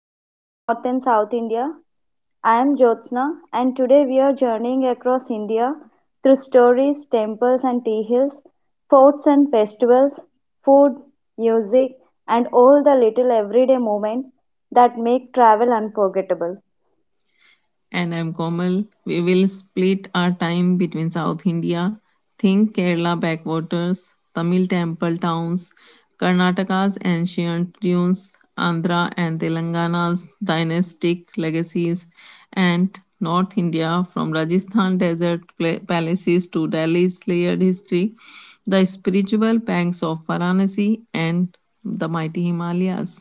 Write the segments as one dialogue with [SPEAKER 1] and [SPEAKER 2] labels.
[SPEAKER 1] exploring North and South India. I am Jyotsna, and today we are journeying across India through stories, temples and tea hills, forts and festivals, food, music, and all the little everyday moments that make travel unforgettable.
[SPEAKER 2] And I'm Komal. We will split our time between South India. Think Kerala backwaters, Tamil temple towns, Karnataka's ancient dunes, Andhra and Telangana's dynastic legacies, and North India from Rajasthan desert palaces to Delhi's layered history, the spiritual banks of Varanasi, and the mighty Himalayas.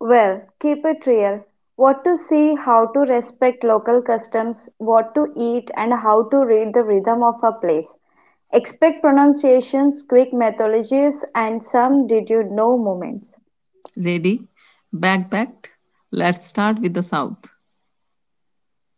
[SPEAKER 1] Well, keep it real. What to see, how to respect local customs, what to eat, and how to read the rhythm of a place. Expect pronunciations, quick methodologies, and some did you know moments.
[SPEAKER 2] Ready? Backpacked? Let's start with the South.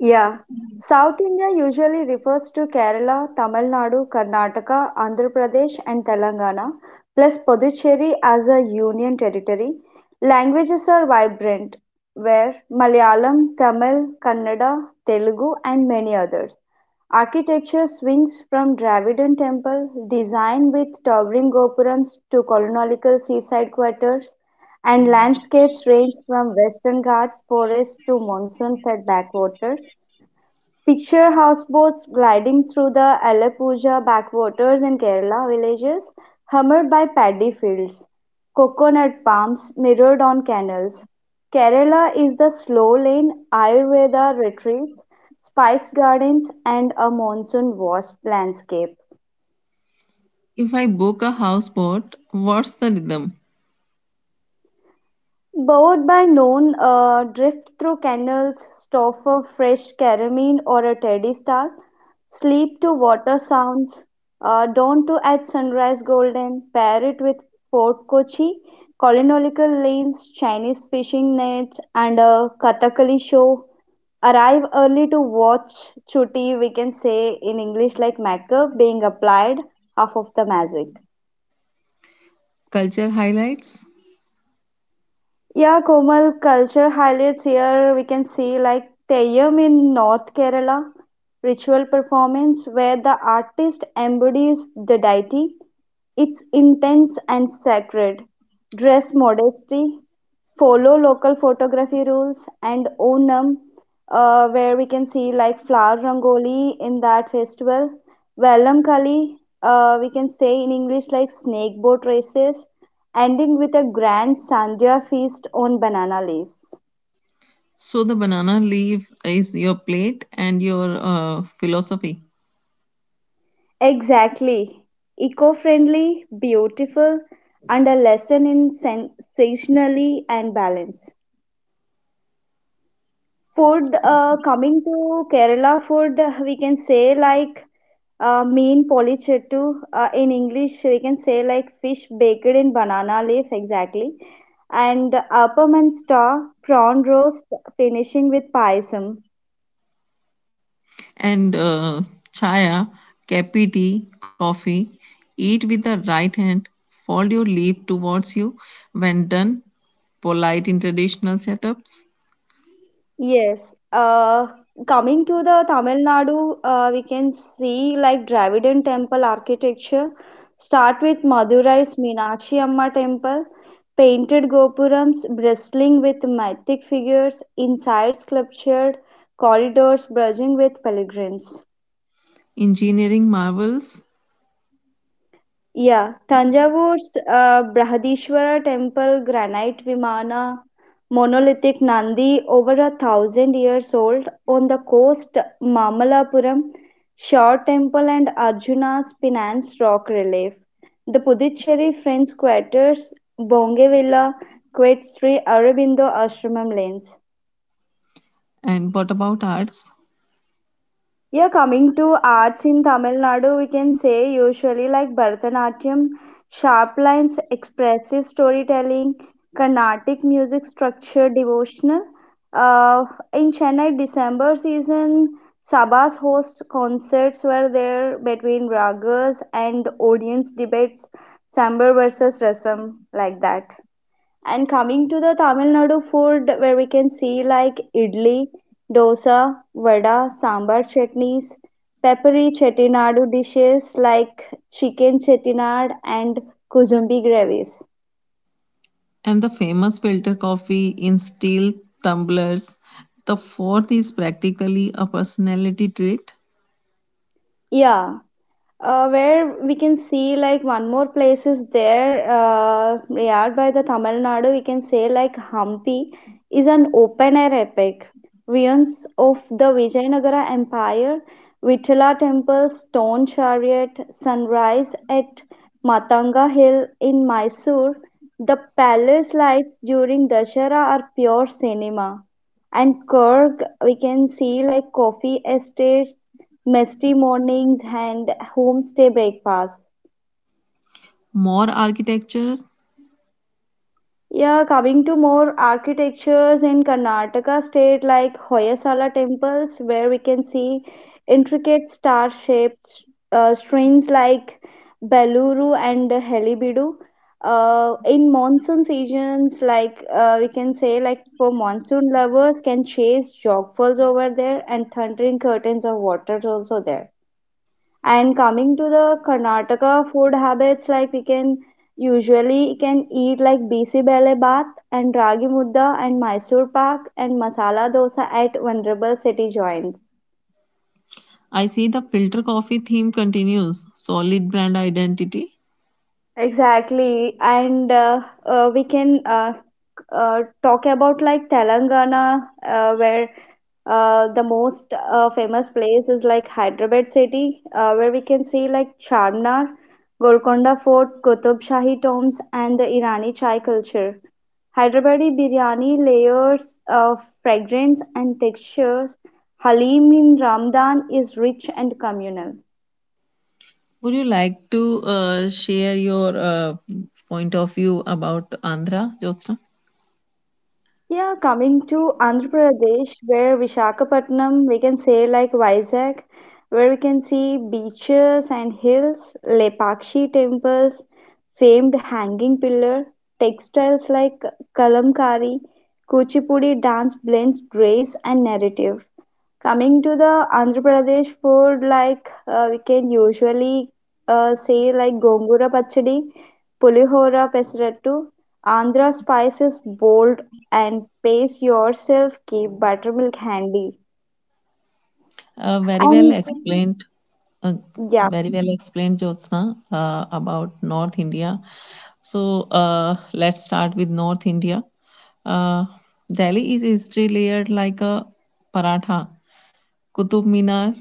[SPEAKER 1] Yeah. South India usually refers to Kerala, Tamil Nadu, Karnataka, Andhra Pradesh, and Telangana, plus Puducherry as a union territory. Languages are vibrant, where Malayalam, Tamil, Kannada, Telugu, and many others. Architecture swings from Dravidian temple, design with towering gopurams, to colonial seaside quarters, and landscapes range from western ghats forests to monsoon fed backwaters. Picture houseboats gliding through the Alappuzha backwaters in Kerala villages, hummed by paddy fields, coconut palms mirrored on canals. Kerala is the slow lane, Ayurveda retreats, spice gardens, and a monsoon washed landscape.
[SPEAKER 2] If I book a houseboat, what's the rhythm?
[SPEAKER 1] Boat by noon, a drift through canals, stop for fresh caramine or a teddy star, sleep to water sounds, dawn to at sunrise golden, pair it with Fort Kochi, colonial lanes, Chinese fishing nets, and a Kathakali show. Arrive early to watch chutti, we can say in English like makeup being applied, half of the magic.
[SPEAKER 2] Culture highlights?
[SPEAKER 1] Yeah, Komal culture highlights here we can see like Teyyam in North Kerala, ritual performance where the artist embodies the deity. It's intense and sacred. Dress modesty, follow local photography rules and Onam, where we can see like flower rangoli in that festival. Vellam Kali, we can say in English like snake boat races, ending with a grand Sandhya feast on banana leaves.
[SPEAKER 2] So the banana leaf is your plate and your philosophy.
[SPEAKER 1] Exactly. Eco friendly, beautiful, and a lesson in sensationally and balance. Food, coming to Kerala food, we can say like mean polichettu. In English, we can say like fish baked in banana leaf, exactly. And appam and star, prawn roast, finishing with payasam.
[SPEAKER 2] And chaya, kapi tea, coffee. Eat with the right hand. Fold your leaf towards you. When done, polite in traditional setups,
[SPEAKER 1] Yes, coming to the Tamil Nadu, we can see like Dravidian temple architecture. Start with Madurai's Meenakshi Amma temple, painted gopurams bristling with mythic figures, inside sculptured corridors bulging with pilgrims.
[SPEAKER 2] engineering marvels.
[SPEAKER 1] Yeah, Tanjavure's Brihadishwara temple, granite Vimana, monolithic Nandi, over a thousand years old, on the coast, Mamalapuram, Shore temple, and Arjuna's Pinance rock relief. The Puducherry French Quarters, Bongevilla, Quets Sri Aurobindo Ashramam lanes.
[SPEAKER 2] And what about arts?
[SPEAKER 1] Yeah, coming to arts in Tamil Nadu, we can say usually like Bharatanatyam, sharp lines, expressive storytelling, Carnatic music structure, devotional. Uh, in Chennai, December season, Sabas host concerts were there between ragas and audience debates, Sambar versus Rasam, like that. And coming to the Tamil Nadu food, where we can see like idli, dosa, vada, sambar chutneys, peppery chettinadu dishes like chicken chettinad and kuzumbi gravies.
[SPEAKER 2] And the famous filter coffee in steel tumblers. The fourth is practically a personality trait.
[SPEAKER 1] Yeah, where we can see like one more place is there near by the Tamil Nadu. We can say like Hampi is an open air epic. Ruins of the Vijayanagara Empire, Vitala Temple, Stone Chariot, Sunrise at Matanga Hill in Mysore, the palace lights during Dashara are pure cinema. And Kurg, we can see like coffee estates Misty mornings and homestay breakfasts.
[SPEAKER 2] More architectures.
[SPEAKER 1] Yeah, coming to more architectures in Karnataka state like Hoysala temples, where we can see intricate star-shaped streams like Beluru and Helibidu. In monsoon seasons, like we can say, like for monsoon lovers, can chase jogfalls over there and thundering curtains of waters also there. And coming to the Karnataka food habits, like we can usually can eat like bisi bele bath and ragi mudda and Mysore pak and masala dosa at vulnerable city joints.
[SPEAKER 2] I see the filter coffee theme continues. Solid brand identity.
[SPEAKER 1] Exactly, and we can talk about like Telangana, where the most famous place is like Hyderabad city, where we can see like Charminar, Golconda Fort, Qutub Shahi tombs, and the Irani chai culture. Hyderabadi biryani layers of fragrance and textures. Halim in Ramadan is rich and communal.
[SPEAKER 2] Would you like to share your point of view about Andhra, Jyotsna?
[SPEAKER 1] Yeah, coming to Andhra Pradesh, where Visakhapatnam, we can say like Vizag, where we can see beaches and hills, Lepakshi temples, famed hanging pillar, textiles like kalamkari, Kuchipudi dance blends grace and narrative. Coming to the Andhra Pradesh food, like we can usually say like gongura pachadi, pulihora pesarattu, Andhra spices bold and pace yourself, keep buttermilk handy.
[SPEAKER 2] Uh, very well
[SPEAKER 1] And
[SPEAKER 2] explained, uh,
[SPEAKER 1] yeah.
[SPEAKER 2] very well explained, Jyotsna, about North India. So let's start with North India. Uh, Delhi is history layered like a paratha. Qutub Minar,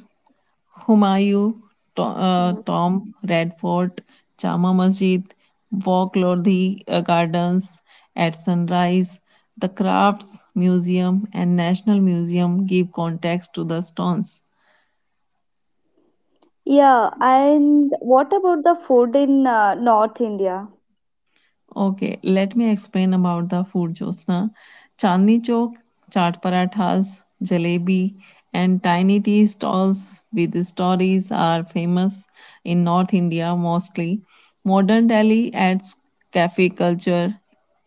[SPEAKER 2] Humayun,
[SPEAKER 1] Mhm.
[SPEAKER 2] Tomb, Red Fort, Jama Masjid, walk Lodhi Gardens at sunrise. The Crafts Museum and National Museum give context to the stones.
[SPEAKER 1] Yeah. And what about the food in North India?
[SPEAKER 2] Okay, let me explain about the food, Jyotsna. Chandni Chowk, chaat parathas, jalebi, and tiny tea stalls with stories are famous in North India mostly. Modern Delhi adds cafe culture,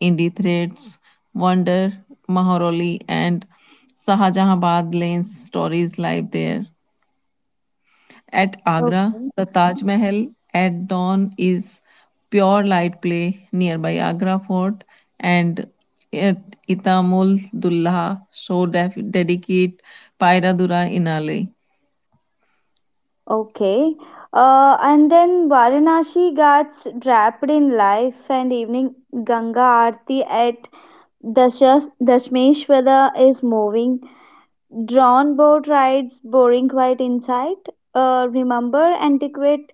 [SPEAKER 2] indie threads, wonder, Maharoli, and Sahajahabad lanes stories live there. At Agra,
[SPEAKER 1] Okay.
[SPEAKER 2] the Taj Mahal at dawn is pure light play nearby Agra Fort and at Itamul Dulha show dedicate Pairadura Inale.
[SPEAKER 1] Okay. And then Varanasi gets wrapped in life and evening Ganga Aarti at Dasmeshwada is moving. Drawn boat rides, boring quiet inside. Remember, antiquate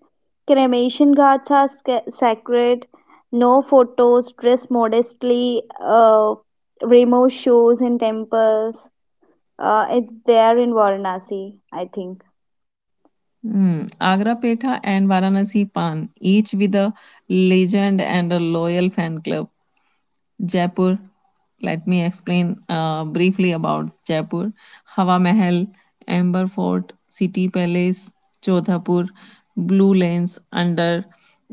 [SPEAKER 1] cremation ghats are sacred. No photos, dress modestly, remove shoes in temples. It's there in Varanasi, I think.
[SPEAKER 2] Hmm. Agra Petha and Varanasi Pan, each with a legend and a loyal fan club. Jaipur. Let me explain briefly about Jaipur. Hawa Mahal, Amber Fort, City Palace, Jodhpur, Blue Lanes under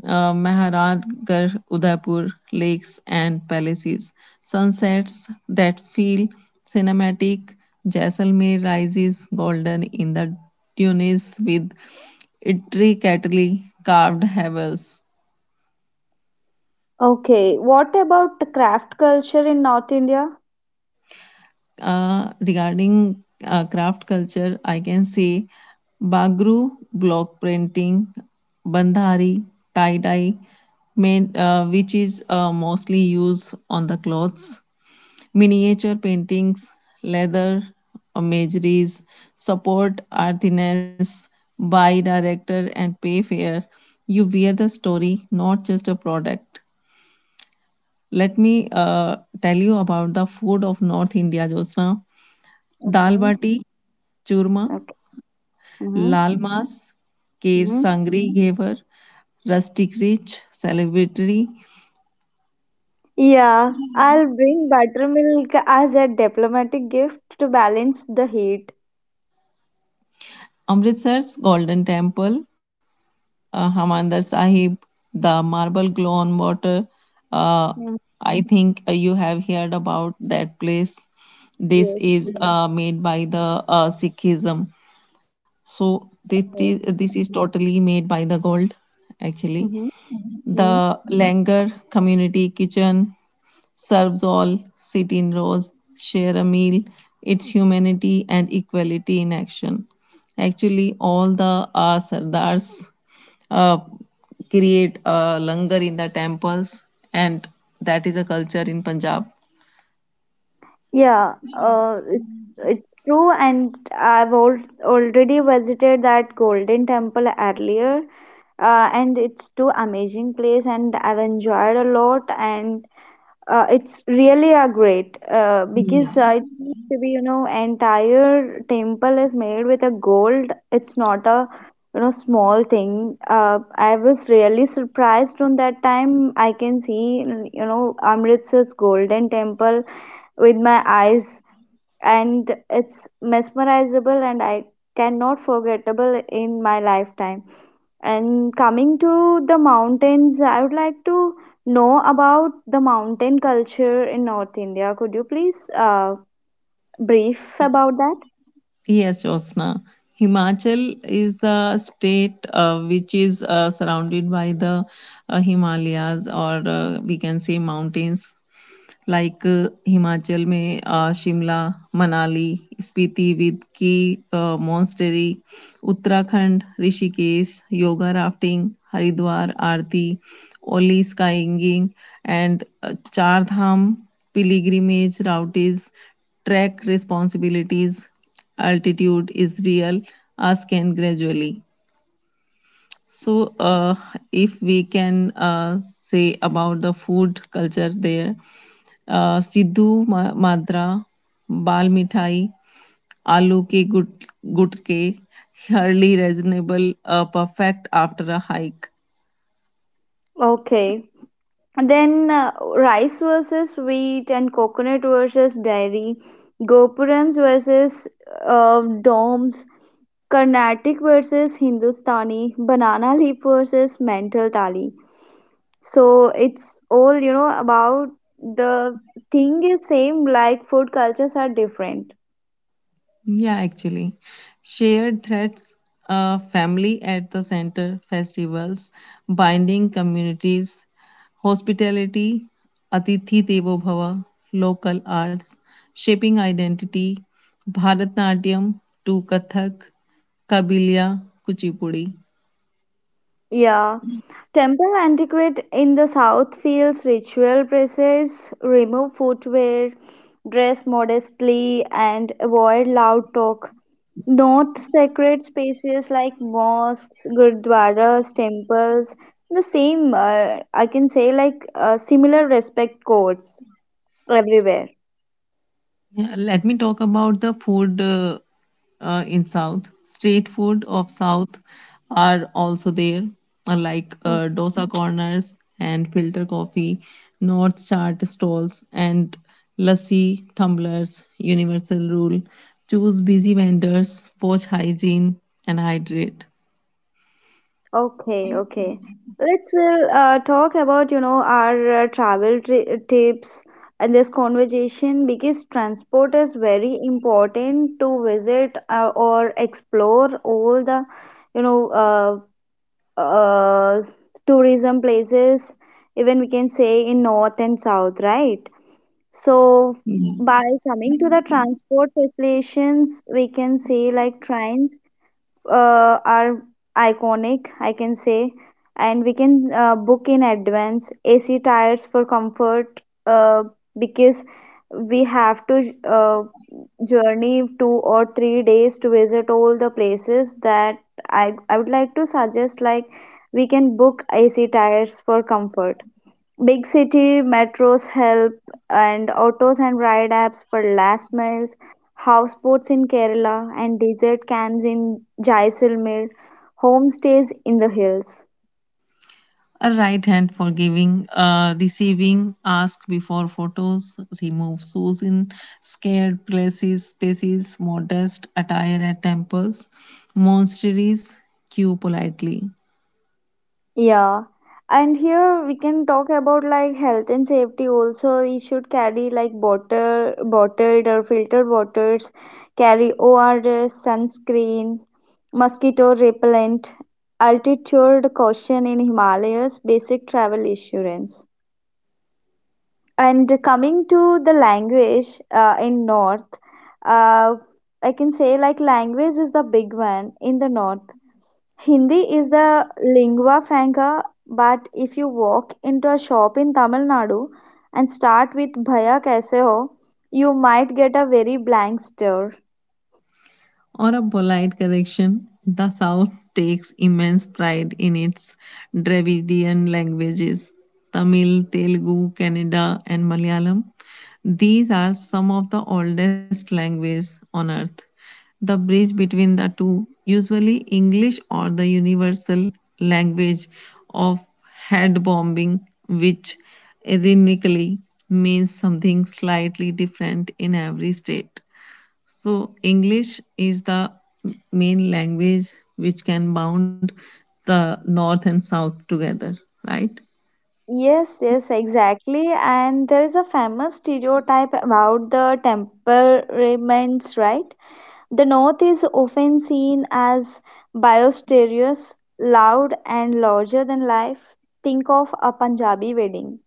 [SPEAKER 2] Maharajgarh, Udaipur, lakes and palaces, sunsets that feel cinematic, Jaisalmer rises golden in the dunes with intricately carved havels,
[SPEAKER 1] Okay, what about the craft culture in North India?
[SPEAKER 2] regarding craft culture, I can say Bagru, block printing, Bandhari, tie dye, main, which is mostly used on the clothes, miniature paintings, leather, imageries, support artisans, buy director and pay fair. You wear the story, not just a product. Let me tell you about the food of North India, Josna. Dal
[SPEAKER 1] Okay,
[SPEAKER 2] bati churma,
[SPEAKER 1] okay. Mm-hmm.
[SPEAKER 2] लाल मांस, ker sangri ghevar, rustic rich, celebratory,
[SPEAKER 1] Yeah, I'll bring buttermilk as a diplomatic gift to balance the heat.
[SPEAKER 2] Amritsar's golden temple, Harmandir Sahib, the marble glow on water. Uh,
[SPEAKER 1] Mm.
[SPEAKER 2] I think you have heard about that place. This
[SPEAKER 1] Yes.
[SPEAKER 2] is made by the Sikhism. So this is
[SPEAKER 1] Oh.
[SPEAKER 2] this is totally made by the gold, actually.
[SPEAKER 1] Mm-hmm. Hmm.
[SPEAKER 2] The Langar community kitchen serves all, sit in rows, share a meal. It's humanity and equality in action. Actually, all the Sardars uh, create a langar in the temples, and that is a culture in Punjab.
[SPEAKER 1] Yeah, it's true, and I've al already visited that Golden Temple earlier, and it's too amazing place, and I've enjoyed a lot, and it's really a great because it seems to be entire temple is made with a gold. It's not a small thing. I was really surprised on that time. I can see Amritsar's golden temple with my eyes, and it's mesmerizable and I cannot forgettable in my lifetime. And coming to the mountains, I would like to know about the mountain culture in North India. Could you please brief about that?
[SPEAKER 2] Yes, Josna. Himachal is the state which is surrounded by the Himalayas, or we can say mountains. Like Himachal में आ Shimla, Manali, Spiti with की monastery, Uttarakhand Rishikesh, yoga rafting, Haridwar aarti, Auli skiing and Char Dham pilgrimage routing, trek responsibilities, altitude is real आस्कें gradually. So uh if we can uh say about the food culture there. Madra bal mithai आलू के गुट गुटके hardly reasonable, perfect after a hike.
[SPEAKER 1] Okay. And then rice versus wheat and coconut versus dairy, Gopurams versus domes, Carnatic versus Hindustani, banana leaf versus mental tali. So it's all, you know, about the thing is same, like food cultures are different.
[SPEAKER 2] Yeah, actually shared threats, family at the center, festivals binding communities, hospitality, atithi devo bhava, local arts shaping identity, bharatnatyam to kathak, kabilia, kuchipudi.
[SPEAKER 1] Yeah, temple antiquette in the south feels ritual presses remove footwear, dress modestly and avoid loud talk. North sacred spaces like mosques, gurdwaras, temples, the same, I can say like similar respect codes everywhere.
[SPEAKER 2] Yeah, let me talk about the food in South. Street food of South are also there, like dosa corners and filter coffee, North Chart stalls and lassi tumblers. Universal rule: choose busy vendors, watch hygiene, and hydrate.
[SPEAKER 1] Okay, okay. Let's will talk about our travel tri tips and this conversation because transport is very important to visit or explore all the you know uh, uh, tourism places. Even we can say in north and south, right? So by coming to the transport facilitations, we can say like trains are iconic, I can say, and we can book in advance AC tires for comfort uh, because we have to journey 2 or 3 days to visit all the places that I would like to suggest like we can book AC tires for comfort. Big city metros help, and autos and ride apps for last miles, houseboats in Kerala, and desert camps in Jaisalmer, homestays in the hills.
[SPEAKER 2] A right hand for giving, receiving, ask before photos, remove shoes in scared places, spaces, modest attire at temples, monasteries, queue politely.
[SPEAKER 1] Yeah. And here we can talk about like health and safety also. We should carry like bottled or filtered waters, carry ORS, sunscreen, mosquito repellent, altitude caution in Himalayas, basic travel insurance. And coming to the language in north, uh, I can say like language is the big one in the north. Hindi is the lingua franca, but if you walk into a shop in Tamil Nadu and start with bhaya kaise ho, you might get a very blank stare.
[SPEAKER 2] Or a polite correction, the South takes immense pride in its Dravidian languages Tamil, Telugu, Kannada, and Malayalam. These are some of the oldest languages on earth. The bridge between the two, usually English or the universal language of head bombing, which ironically means something slightly different in every state. So, English is the main language which can bound the North and South together, right?
[SPEAKER 1] Yes, yes, exactly. And there is a famous stereotype about the temperaments, right? The North is often seen as boisterous, loud, and larger than life. Think of a Punjabi wedding.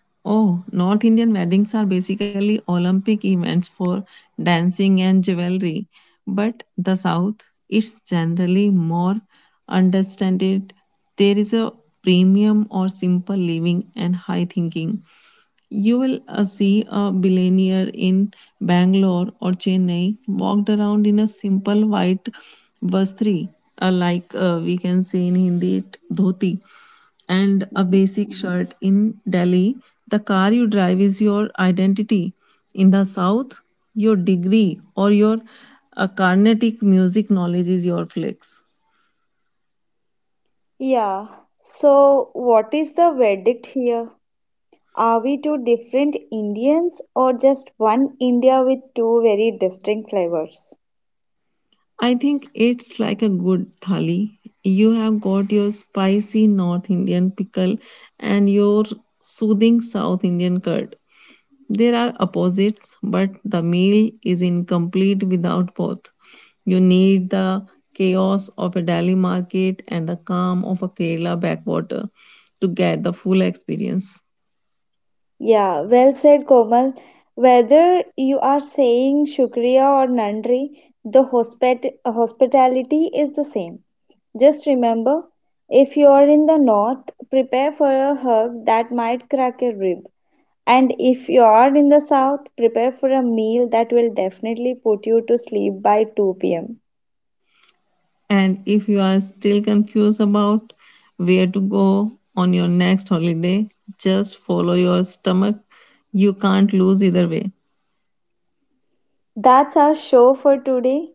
[SPEAKER 2] Oh, North Indian weddings are basically Olympic events for dancing and jewelry, but the South is generally more understated. There is a premium or simple living and high thinking. You will see a billionaire in Bangalore or Chennai walked around in a simple white vastri, like we can say in Hindi, it dhoti, and a
[SPEAKER 1] Mhm.
[SPEAKER 2] basic shirt in Delhi. The car you drive is your identity. In the South, your degree or your Carnatic music knowledge is your flex.
[SPEAKER 1] Yeah, so what is the verdict here? Are we two different Indians or just one India with two very distinct flavors?
[SPEAKER 2] I think it's like a good thali. You have got your spicy North Indian pickle and your soothing South Indian curd. There are opposites, but the meal is incomplete without both. You need the chaos of a Delhi market and the calm of a Kerala backwater to get the full experience.
[SPEAKER 1] Yeah, well said, Komal. Whether you are saying Shukriya or Nandri, the hospit hospitality is the same. Just remember, if you're in the north, prepare for a hug that might crack a rib. And if you are in the south, prepare for a meal that will definitely put you to sleep by 2 pm.
[SPEAKER 2] And if you are still confused about where to go on your next holiday, just follow your stomach. You can't lose either way.
[SPEAKER 1] That's our show for today.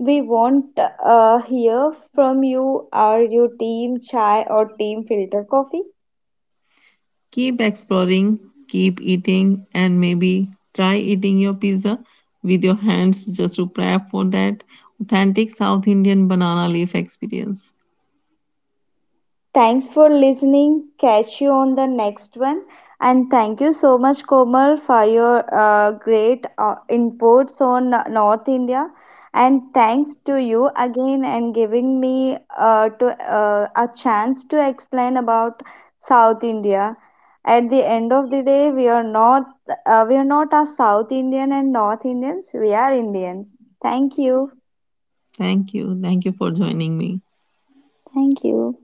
[SPEAKER 1] We want to hear from you. Are you team chai or team filter coffee?
[SPEAKER 2] Keep exploring, keep eating, and maybe try eating your pizza with your hands just to prep for that authentic South Indian banana leaf experience.
[SPEAKER 1] Thanks for listening. Catch you on the next one. And thank you so much, Komal, for your great inputs on North India. And thanks to you again and giving me to a chance to explain about South India. At the end of the day, we are not a South Indian and North Indians. We are Indians. Thank you.
[SPEAKER 2] Thank you. Thank you for joining me.
[SPEAKER 1] Thank you.